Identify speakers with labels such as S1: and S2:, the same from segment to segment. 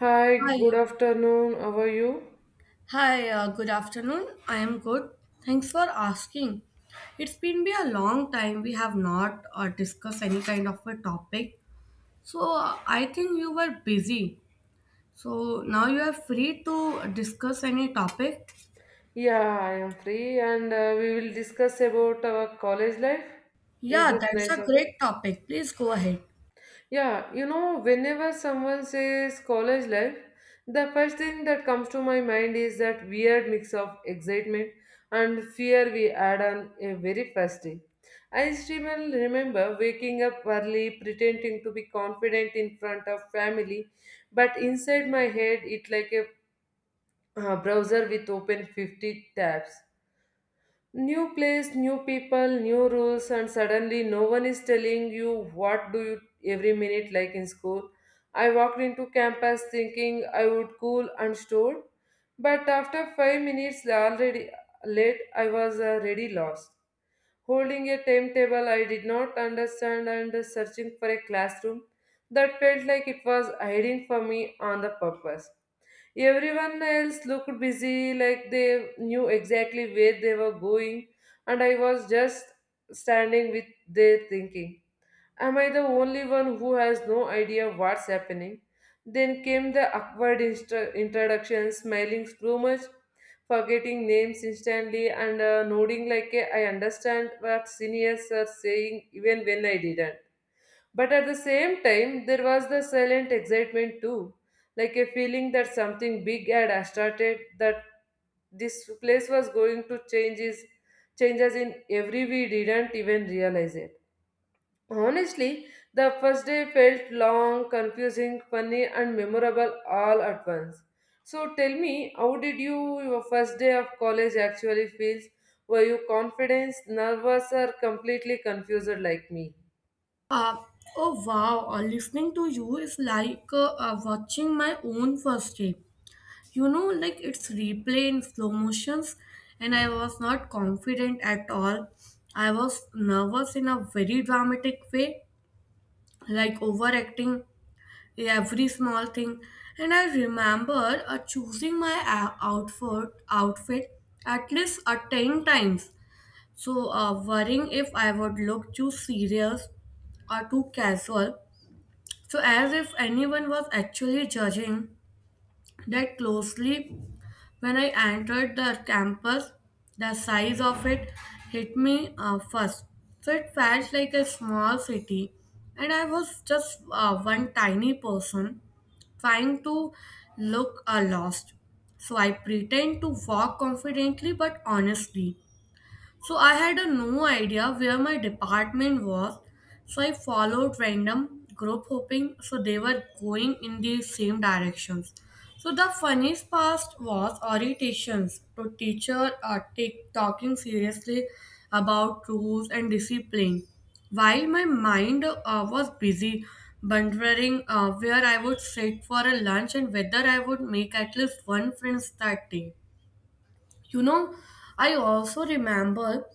S1: Hi, good
S2: Hi.
S1: afternoon. How are you?
S2: Hi, good afternoon. I am good. Thanks for asking. It's been be a long time we have not discussed any kind of a topic. I think you were busy. So now you are free to discuss any topic.
S1: Yeah, I am free and we will discuss about our college life. Is
S2: Yeah,
S1: this
S2: that's
S1: nice
S2: a
S1: topic?
S2: great topic. Please go ahead.
S1: Yeah, you know, whenever someone says college life, the first thing that comes to my mind is that weird mix of excitement and fear we had on a very first day. I still remember waking up early, pretending to be confident in front of family, but inside my head, it like a browser with open 50 tabs. New place, new people, new rules, and suddenly no one is telling you what do you every minute like in school. I walked into campus thinking I would cool and stored, but after 5 minutes already late, I was already lost. Holding a timetable I did not understand and searching for a classroom that felt like it was hiding from me on the purpose. Everyone else looked busy, like they knew exactly where they were going, and I was just standing with their thinking. Am I the only one who has no idea what's happening? Then came the awkward introduction, smiling too much, forgetting names instantly, and nodding like a, I understand what seniors are saying even when I didn't. But at the same time, there was the silent excitement too, like a feeling that something big had started, that this place was going to change us in every we didn't even realize it. Honestly, the first day felt long, confusing, funny, and memorable all at once. So tell me, how did you your first day of college actually feels? Were you confident, nervous, or completely confused like me?
S2: Uh, oh wow, listening to you is like watching my own first day. You know, like it's replay in slow motions, and I was not confident at all. I was nervous in a very dramatic way, like overacting every small thing. And I remember choosing my outfit at least 10 times, so worrying if I would look too serious or too casual, so as if anyone was actually judging that closely. When I entered the campus, the size of it hit me first. So it felt like a small city, and I was just one tiny person trying to look lost. So I pretend to walk confidently but honestly. So I had a no idea where my department was. So I followed random group hoping so they were going in the same directions. So the funniest part was orientations to teacher take talking seriously about rules and discipline. While my mind was busy wondering where I would sit for a lunch and whether I would make at least one friends that day. You know, I also remember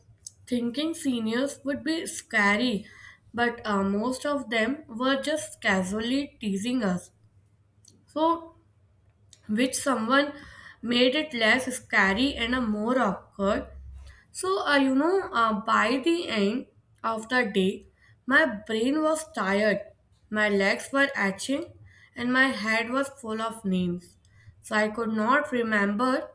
S2: thinking seniors would be scary, but most of them were just casually teasing us. So, which someone made it less scary and more awkward. So, by the end of the day, my brain was tired, my legs were itching, and my head was full of names. So, I could not remember,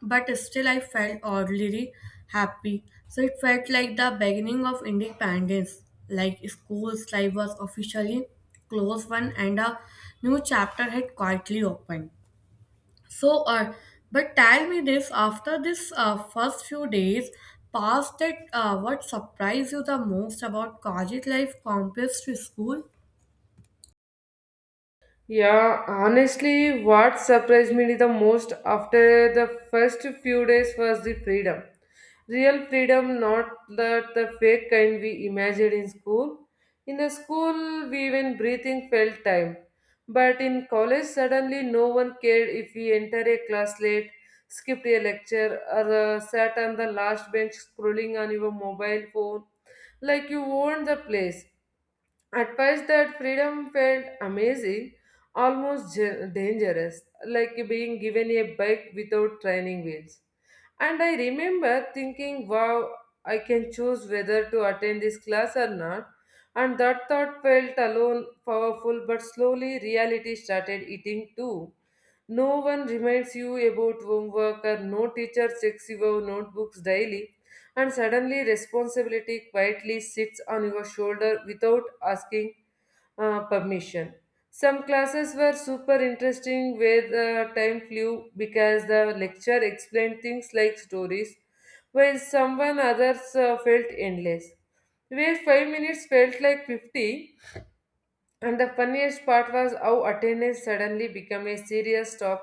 S2: but still, I felt oddly happy. So, it felt like the beginning of independence, like school's life was officially closed one, and a new chapter had quietly opened. So, but tell me this after this first few days past that what surprised you the most about college life compared to school?
S1: Yeah, honestly, what surprised me the most after the first few days was the freedom. Real freedom, not that the fake kind we imagined in school. In the school, we even breathing felt time. But in college, suddenly no one cared if we enter a class late, skipped a lecture, or sat on the last bench scrolling on your mobile phone. Like you owned the place. At first, that freedom felt amazing, almost dangerous, like being given a bike without training wheels. And I remember thinking, wow, I can choose whether to attend this class or not. And that thought felt alone powerful, but slowly reality started eating too. No one reminds you about homework, or no teacher checks your notebooks daily and suddenly responsibility quietly sits on your shoulder without asking permission. Some classes were super interesting where the time flew because the lecture explained things like stories, while someone others felt endless. Where 5 minutes felt like 50, and the funniest part was how attendance suddenly became a serious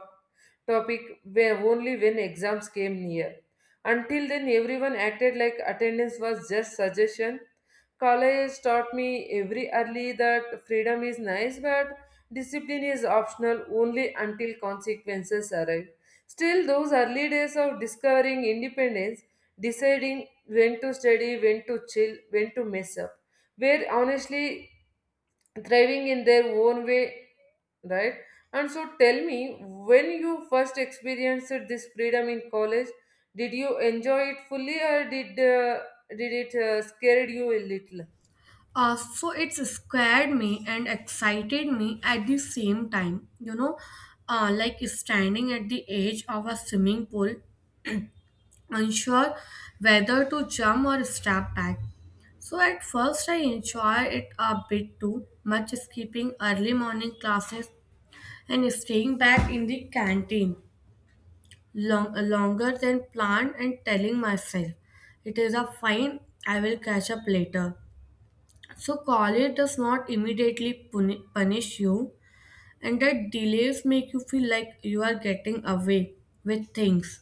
S1: topic where only when exams came near. Until then, everyone acted like attendance was just suggestion. College taught me every early that freedom is nice, but discipline is optional only until consequences arrive. Still, those early days of discovering independence, deciding when to study, when to chill, when to mess up where honestly thriving in their own way, right? And so tell me, when you first experienced this freedom in college, did you enjoy it fully or did it scared you a little?
S2: So it scared me and excited me at the same time. You know, like standing at the edge of a swimming pool, unsure whether to jump or step back. So at first I enjoy it a bit too much, skipping early morning classes and staying back in the canteen longer than planned and telling myself it is a fine, I will catch up later. So, college does not immediately punish you, and the delays make you feel like you are getting away with things.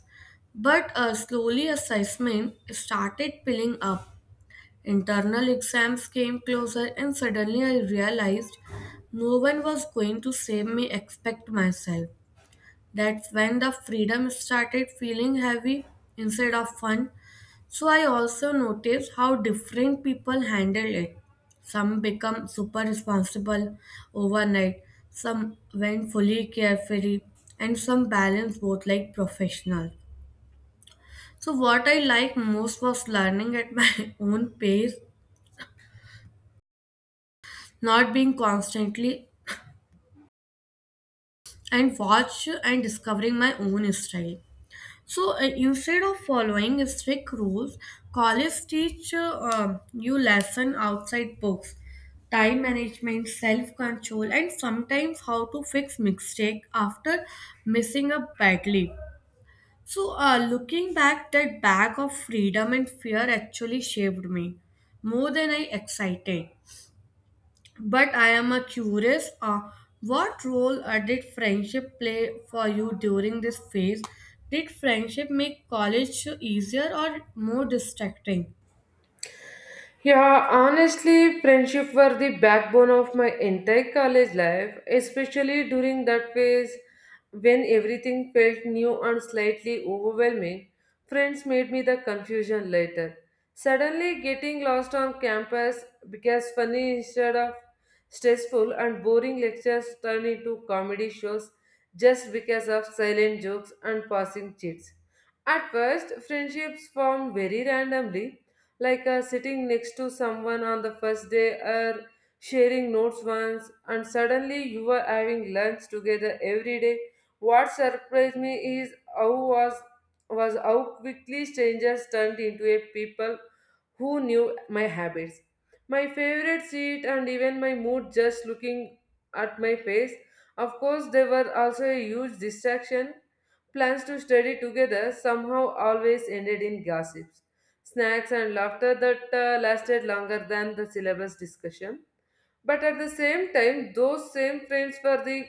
S2: But slowly, assessment started piling up. Internal exams came closer, and suddenly I realized no one was going to save me except myself. That's when the freedom started feeling heavy instead of fun. So I also noticed how different people handle it. Some become super responsible overnight, some went fully carefree, and some balance both like professional. So what I like most was learning at my own pace, not being constantly and watch, and discovering my own style. So instead of following strict rules, college teach you lesson outside books, time management, self control, and sometimes how to fix mistake after missing up badly. So looking back, that bag of freedom and fear actually shaped me more than I excited. But I am a curious, what role did friendship play for you during this phase? Did friendship make college easier or more distracting?
S1: Yeah, honestly, friendship were the backbone of my entire college life, especially during that phase when everything felt new and slightly overwhelming. Friends made me the confusion later. Suddenly, getting lost on campus became funny instead of stressful, and boring lectures turned into comedy shows just because of silent jokes and passing chits. At first, friendships formed very randomly, like sitting next to someone on the first day or sharing notes once, and suddenly you were having lunch together every day. What surprised me is how was how quickly strangers turned into a people who knew my habits, my favorite seat, and even my mood just looking at my face. Of course, they were also a huge distraction. Plans to study together somehow always ended in gossips, snacks, and laughter that lasted longer than the syllabus discussion. But at the same time, those same friends were the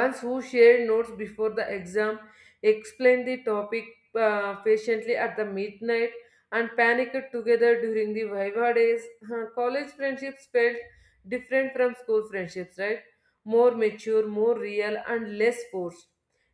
S1: once who shared notes before the exam, explained the topic patiently at the midnight, and panicked together during the Viva days. Huh, college friendships felt different from school friendships, right? More mature, more real, and less forced.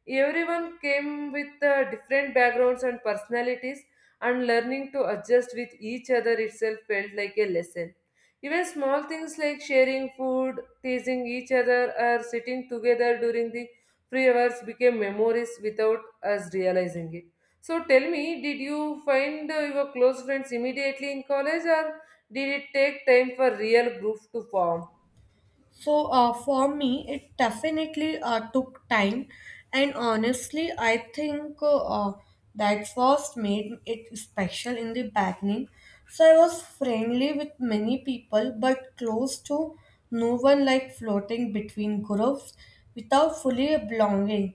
S1: Everyone came with different backgrounds and personalities, and learning to adjust with each other itself felt like a lesson. Even small things like sharing food teasing each other or sitting together during the free hours became memories without us realizing it. So tell me, did you find your close friends immediately in college or did it take time for real group to form?
S2: So for me, it definitely took time, and honestly, I think that's what made it special in the beginning. So I was friendly with many people, but close to no one, like floating between groups without fully belonging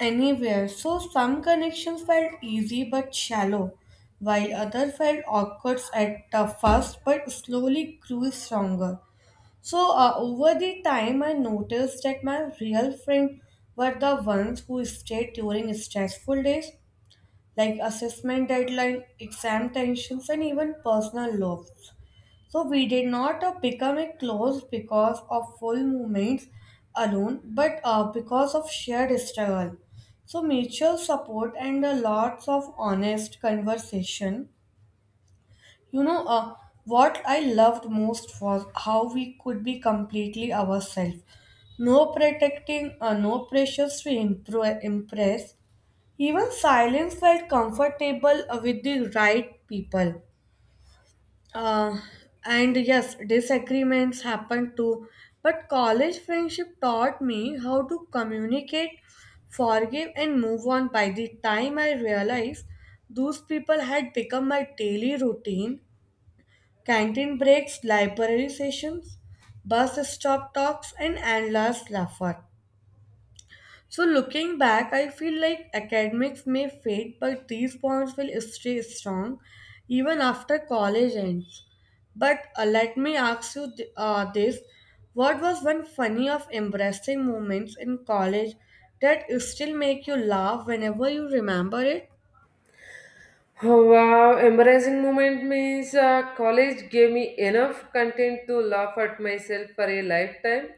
S2: anywhere. So some connections felt easy but shallow, while other felt awkward at the first, but slowly grew stronger. So, over the time, I noticed that my real friends were the ones who stayed during stressful days, like assessment deadline, exam tensions, and even personal loss. So, we did not become a close because of full moments alone, but because of shared struggle. So, mutual support and lots of honest conversation, you know, what I loved most was how we could be completely ourselves. No protecting, no pressures to impress. Even silence felt comfortable with the right people. Uh, and yes, disagreements happened too. But college friendship taught me how to communicate, forgive, and move on. By the time I realized, those people had become my daily routine: canteen breaks, library sessions, bus stop talks, and endless laughter. So, looking back, I feel like academics may fade, but these bonds will stay strong even after college ends. But let me ask you this: what was one funny of embarrassing moments in college that still make you laugh whenever you remember it?
S1: Oh, wow, embarrassing moment means college gave me enough content to laugh at myself for a lifetime.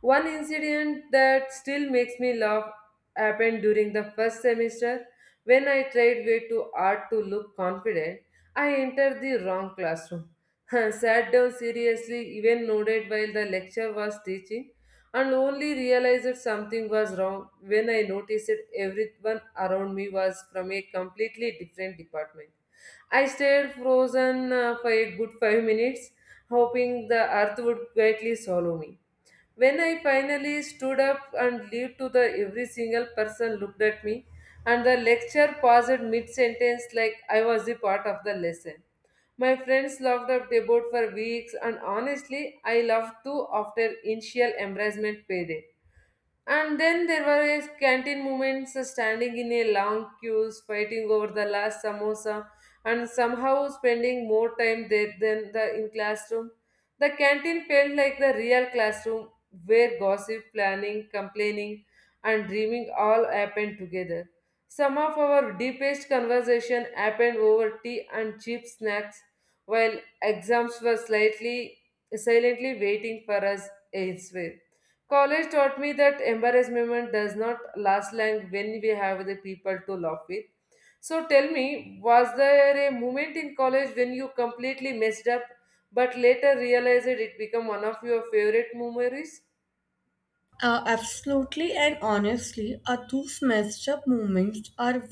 S1: One incident that still makes me laugh happened during the first semester when I tried way too hard to look confident. I entered the wrong classroom, sat down seriously, even nodded while the lecture was teaching and only realized that something was wrong when I noticed that everyone around me was from a completely different department. I stayed frozen for a good 5 minutes, hoping the earth would quietly swallow me. When I finally stood up and leaped to the every single person looked at me and the lecture paused mid sentence like I was a part of the lesson. My friends laughed at about for weeks and honestly I laughed too after initial embarrassment faded. And then there were a canteen moments standing in a long queues, fighting over the last samosa, and somehow spending more time there than the in classroom. The canteen felt like the real classroom where gossip, planning, complaining, and dreaming all happened together. Some of our deepest conversation happened over tea and cheap snacks, while exams were slightly silently waiting for us elsewhere. College taught me that embarrassment does not last long when we have the people to laugh with. So tell me, was there a moment in college when you completely messed up but later realized it became one of your favorite memories?
S2: Absolutely, and honestly, are those messed up moments are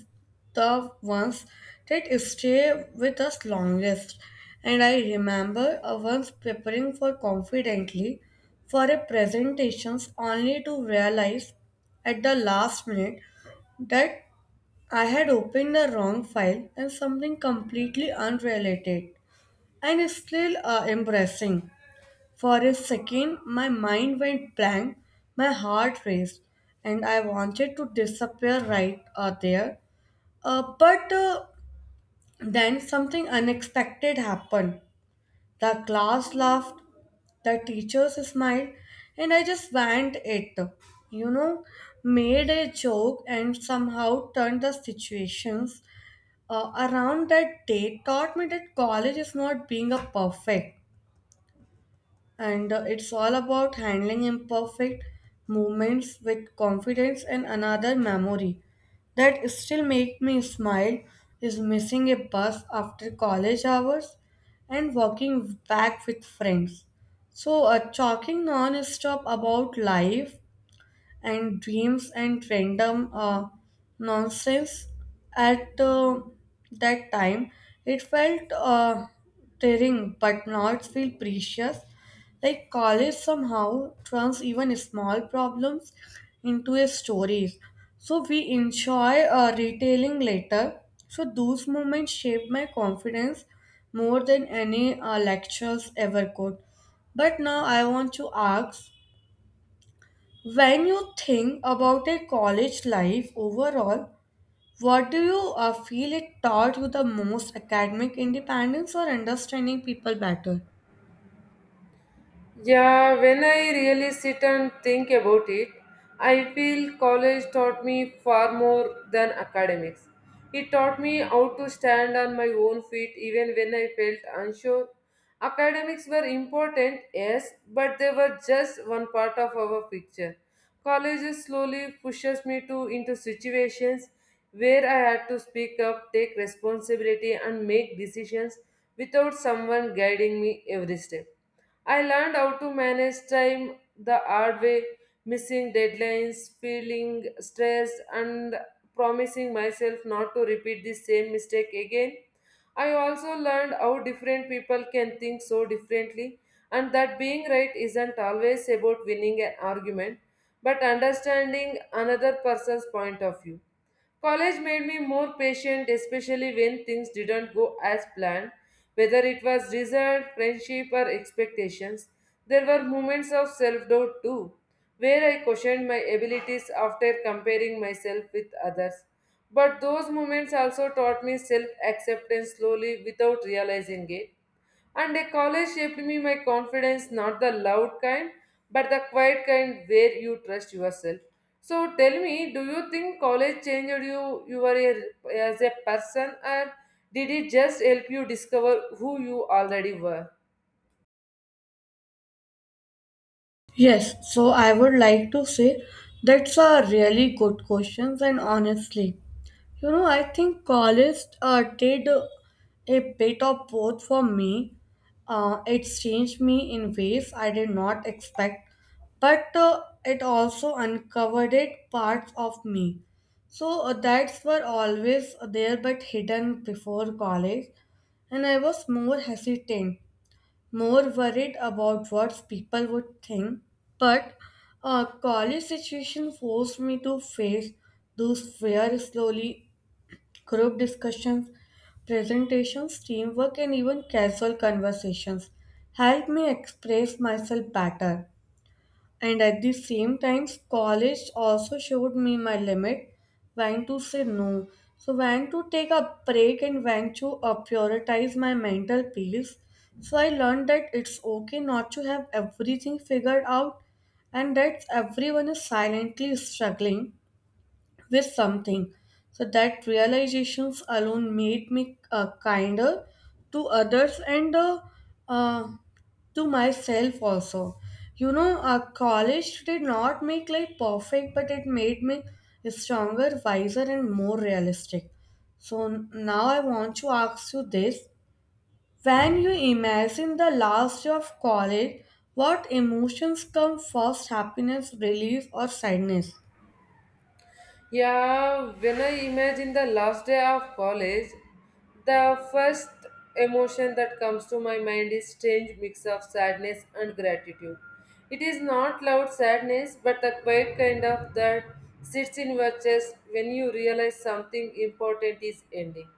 S2: the ones that stay with us longest. And I remember once preparing for confidently for a presentations only to realize at the last minute that I had opened the wrong file and something completely unrelated and still embarrassing. For a second, my mind went blank, my heart raced, and I wanted to disappear right there. But then something unexpected happened. The class laughed, the teachers smiled, and I just went it. You know, made a joke and somehow turned the situations around. That day taught me that college is not being a perfect, and it's all about handling imperfect moments with confidence. And another memory that still make me smile is missing a bus after college hours and walking back with friends, so a talking non-stop about life and dreams and random nonsense. At that time, it felt tiring but not feel precious. Like college somehow turns even small problems into a stories. So we enjoy retailing later. So those moments shaped my confidence more than any lectures ever could. But now I want to ask, when you think about a college life overall, what do you feel it taught you the most, academic independence or understanding people better?
S1: Yeah, when I really sit and think about it, I feel college taught me far more than academics. It taught me how to stand on my own feet even when I felt unsure. Academics were important, yes, but they were just one part of our picture. College slowly pushes me to into situations where I had to speak up, take responsibility and make decisions without someone guiding me every step. I learned how to manage time the hard way, missing deadlines, feeling stressed, and promising myself not to repeat the same mistake again. I also learned how different people can think so differently, and that being right isn't always about winning an argument, but understanding another person's point of view. College made me more patient, especially when things didn't go as planned, whether it was result, friendship, or expectations. There were moments of self doubt too, where I questioned my abilities after comparing myself with others. But those moments also taught me self acceptance slowly without realizing it. And a college shaped me my confidence, not the loud kind, but the quiet kind where you trust yourself. So tell me, do you think college changed you, you were a, as a person, or did it just help you discover who you already were?
S2: Yes, so I would like to say that's a really good question, and honestly, you know, I think college did a bit of both for me. It changed me in ways I did not expect, but it also uncovered it parts of me. So that's were always there but hidden before college, and I was more hesitant, more worried about what people would think. But college situation forced me to face those fears slowly: group discussions, presentations, teamwork, and even casual conversations helped me express myself better. And at the same time, college also showed me my limit, when to say no. So, when to take a break and when to prioritize my mental peace. So, I learned that it's okay not to have everything figured out, and that everyone is silently struggling with something. So that realizations alone made me kinder to others and uh, to myself also. You know, college did not make life perfect, but it made me stronger, wiser, and more realistic. So now I want to ask you this. When you imagine the last day of college, what emotions come first, happiness, relief, or sadness?
S1: Yeah, when I imagine the last day of college, the first emotion that comes to my mind is strange mix of sadness and gratitude. It is not loud sadness, but the quiet kind of that sits in your chest when you realize something important is ending.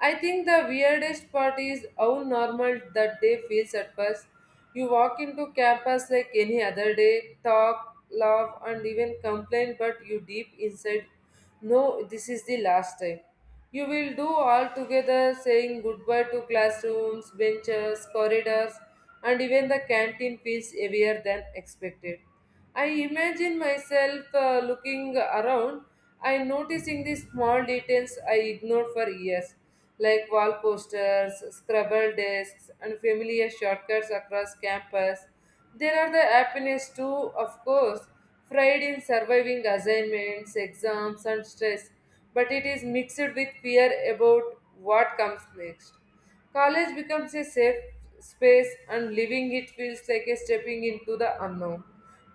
S1: I think the weirdest part is how normal that day feels at first. You walk into campus like any other day, talk, laugh, and even complain, but you deep inside know this is the last time. You will do all together, saying goodbye to classrooms, benches, corridors, and even the canteen feels heavier than expected. I imagine myself looking around and noticing the small details I ignored for years, like wall posters, scribbled desks, and familiar shortcuts across campus. There are the happiness too, of course, pride in surviving assignments, exams, and stress, but it is mixed with fear about what comes next. College becomes a safe space, and leaving it feels like a stepping into the unknown.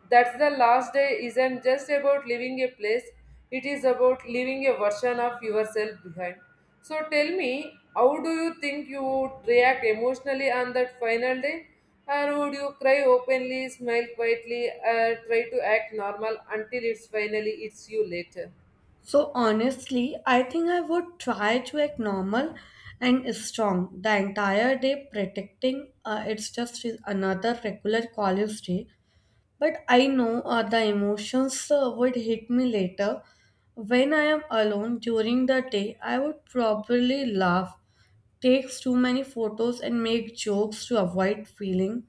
S1: That's the last day isn't just about leaving a place, it is about leaving a version of yourself behind. So tell me, how do you think you would react emotionally on that final day? Or would you cry openly, smile quietly, or try to act normal until it's finally it's you later?
S2: So honestly, I think I would try to act normal and strong the entire day, pretending it's just another regular college day. But I know the emotions would hit me later. When I am alone during the day, I would probably laugh, take too many photos, and make jokes to avoid feeling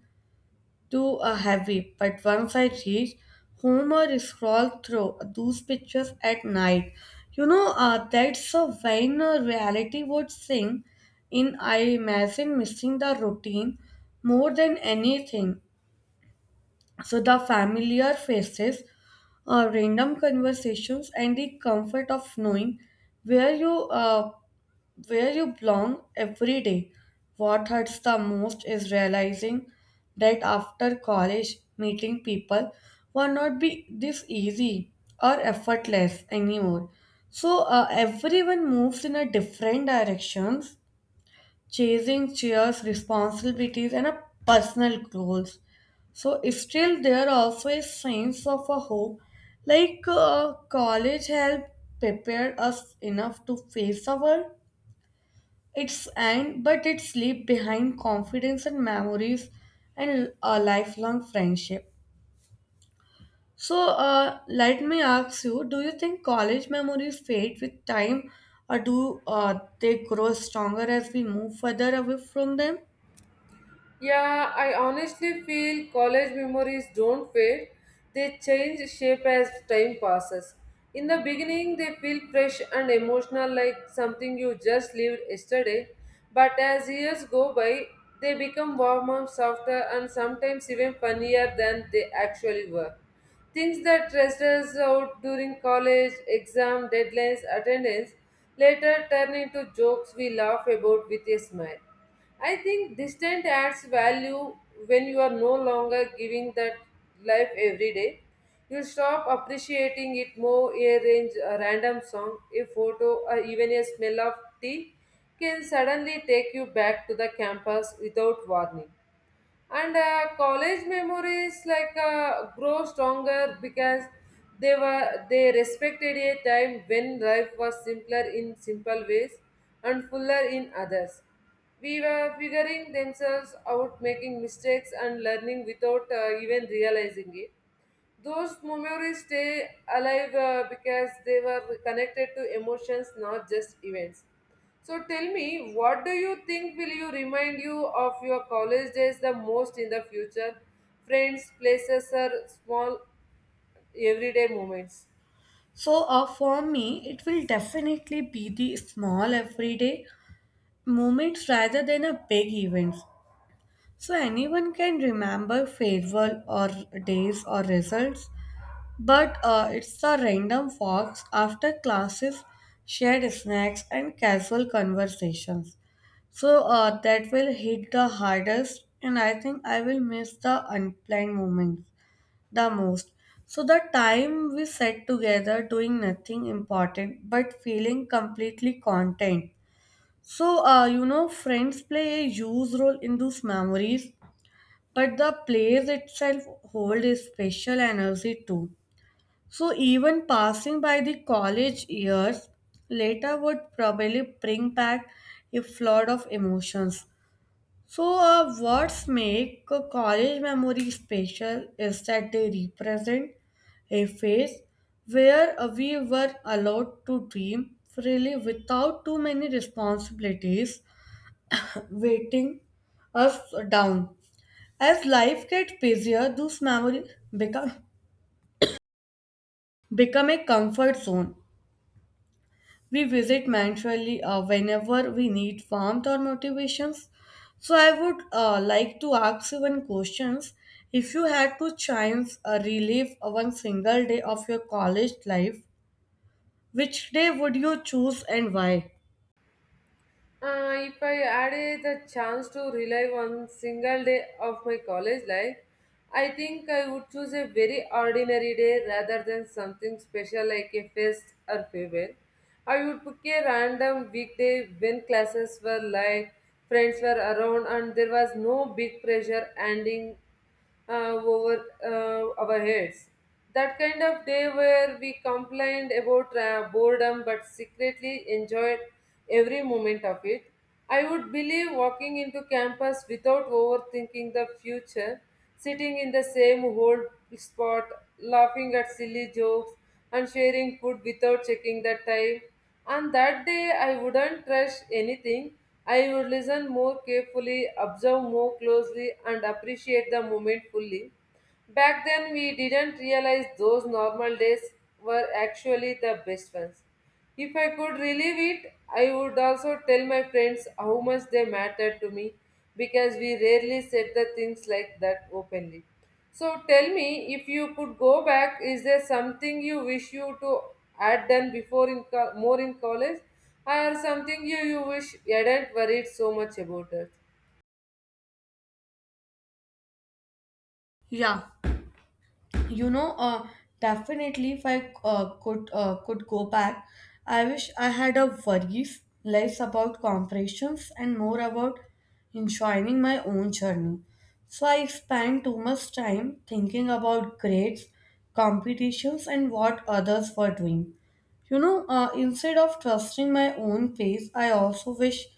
S2: too heavy. But once I reached home, I scrolled through those pictures at night. You know, that's when reality would sing in. I imagine missing the routine more than anything. So the familiar faces, random conversations, and the comfort of knowing where you uh, where you belong every day. What hurts the most is realizing that after college, meeting people will not be this easy or effortless anymore. So everyone moves in a different directions, chasing cheers, responsibilities, and a personal goals. So still there also a sense of a hope, like college help prepare us enough to face the world it's and but it's leave behind confidence and memories and a lifelong friendship. So let me ask you: do you think college memories fade with time, or do they grow stronger as we move further away from them?
S1: Yeah, I honestly feel college memories don't fade. They change shape as time passes. In the beginning, they feel fresh and emotional like something you just lived yesterday. But as years go by, they become warmer, softer, and sometimes even funnier than they actually were. Things that stressed us out during college, exam, deadlines, attendance later turn into jokes we laugh about with a smile. I think distance adds value when you are no longer giving that life every day. You stop appreciating it more, a range, a random song, a photo, or even a smell of tea can suddenly take you back to the campus without warning and college memories like grow stronger because they respected a time when life was simpler in simple ways and fuller in others. We were figuring themselves out, making mistakes and learning without even realizing it. Those memories stay alive because they were connected to emotions, not just events. So tell me, what do you think will you remind you of your college days the most in the future? Friends, places, or small everyday moments?
S2: So for me, it will definitely be the small everyday moments rather than a big events. So anyone can remember farewell or days or results. But it's the random walks after classes, shared snacks, and casual conversations. That will hit the hardest, and I think I will miss the unplanned moments the most. So the time we sat together doing nothing important but feeling completely content. Friends play a huge role in those memories, but the place itself hold a special energy too. So even passing by the college years later would probably bring back a flood of emotions. So what's make a college memory special is that they represent a phase where we were allowed to dream freely without too many responsibilities waiting us down. As life gets busier, those memories become become a comfort zone we visit mentally whenever we need warmth or motivations. So I would like to ask you one questions. If you had to chance relive one single day of your college life, which day would you choose and why?
S1: If I added the chance to relive one single day of my college life, I think I would choose a very ordinary day rather than something special like a fest or farewell. I would pick a random weekday when classes were light, friends were around, and there was no big pressure ending over our heads. That kind of day where we complained about boredom but secretly enjoyed every moment of it. I would believe walking into campus without overthinking the future, sitting in the same old spot, laughing at silly jokes, and sharing food without checking the time. On that day, I wouldn't rush anything. I would listen more carefully, observe more closely, and appreciate the moment fully. Back then, we didn't realize those normal days were actually the best ones. If I could relive it, I would also tell my friends how much they mattered to me because we rarely said the things like that openly. So tell me, if you could go back, is there something you wish you to had done before in more in college, or something you wish you hadn't worried so much about it?
S2: Yeah. you know uh, Definitely if I could go back, I wish I had a worries less about comparisons and more about enjoying my own journey. So I spend too much time thinking about grades, competitions, and what others were doing, instead of trusting my own pace. I also wish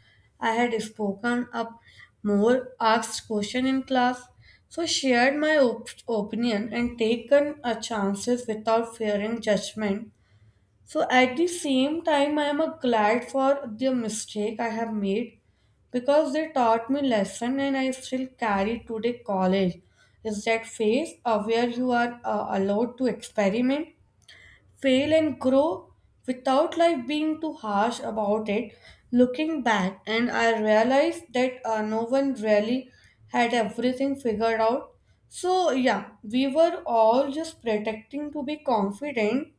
S2: I had spoken up more, asked question in class, so shared my opinion and taken a chances without fearing judgment. So at the same time, I am glad for the mistake I have made because they taught me lesson and I still carry today. College is that phase of where you are allowed to experiment, fail, and grow without life being too harsh about it. Looking back, and I realized that no one really had everything figured out. So yeah, we were all just protecting to be confident,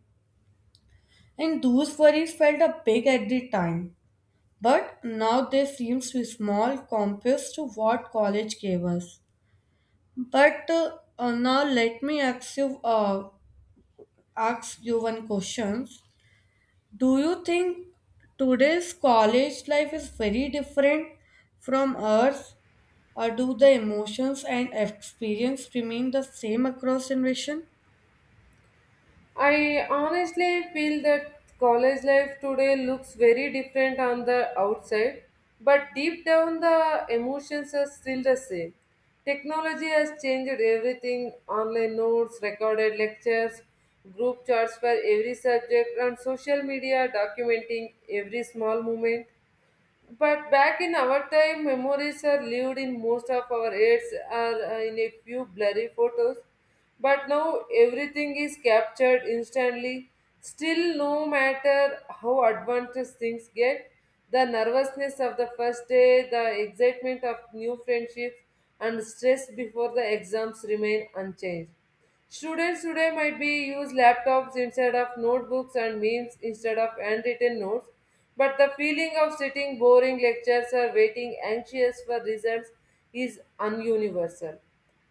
S2: and those worries felt a big at the time, but now they seem too small compared to what college gave us. But now let me ask you uh, ask you one question. Do you think today's college life is very different from ours, or do the emotions and experience remain the same across generation?
S1: I honestly feel that college life today looks very different on the outside, but deep down the emotions are still the same. Technology has changed everything online notes, recorded lectures, group chats for every subject, and social media documenting every small moment. But back in our time, memories are lived in most of our heads or in a few blurry photos. But now everything is captured instantly. Still, no matter how advanced things get, the nervousness of the first day, the excitement of new friendships, and stress before the exams remain unchanged. Students today might be use laptops instead of notebooks and memes instead of handwritten notes but the feeling of sitting boring lectures or waiting anxious for results is ununiversal.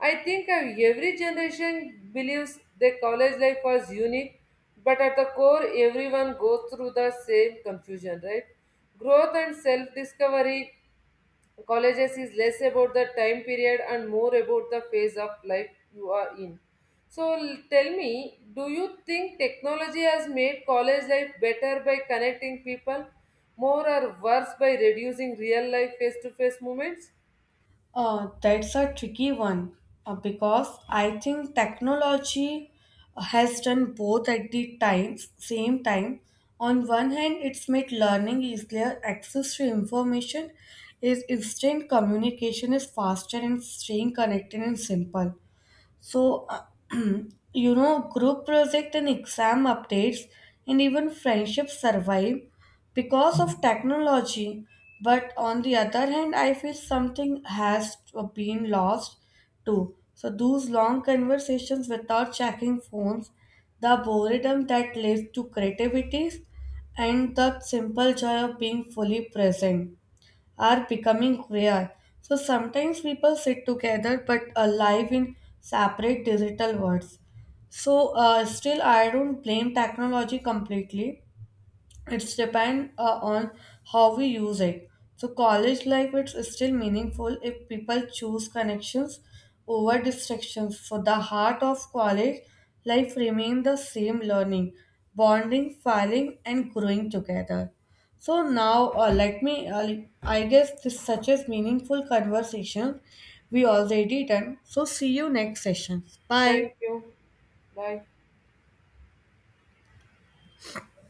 S1: I think of every generation believes their college life was unique, but at the core, everyone goes through the same confusion, right? Growth and self discovery. Colleges is less about the time period and more about the phase of life you are in. So tell me, do you think technology has made college life better by connecting people, more or worse by reducing real life face to face moments?
S2: That's a tricky one because I think technology has done both at the times same time. On one hand, it's made learning easier, access to information is instant, communication is faster, and staying connected and simple. So, group project and exam updates and even friendships survive because of technology. But on the other hand, I feel something has been lost too. So, those long conversations without checking phones, the boredom that leads to creativities, and the simple joy of being fully present are becoming rare. So sometimes people sit together but alive in separate digital worlds. Still, I don't blame technology completely. It's depend on how we use it. So college life it's still meaningful if people choose connections over distractions. So the heart of college life remain the same, learning, bonding, filing, and growing together. So now uh, let me uh, I guess this such as meaningful conversation we already done, so see you next session,
S1: Thank
S2: bye.
S1: you. Bye.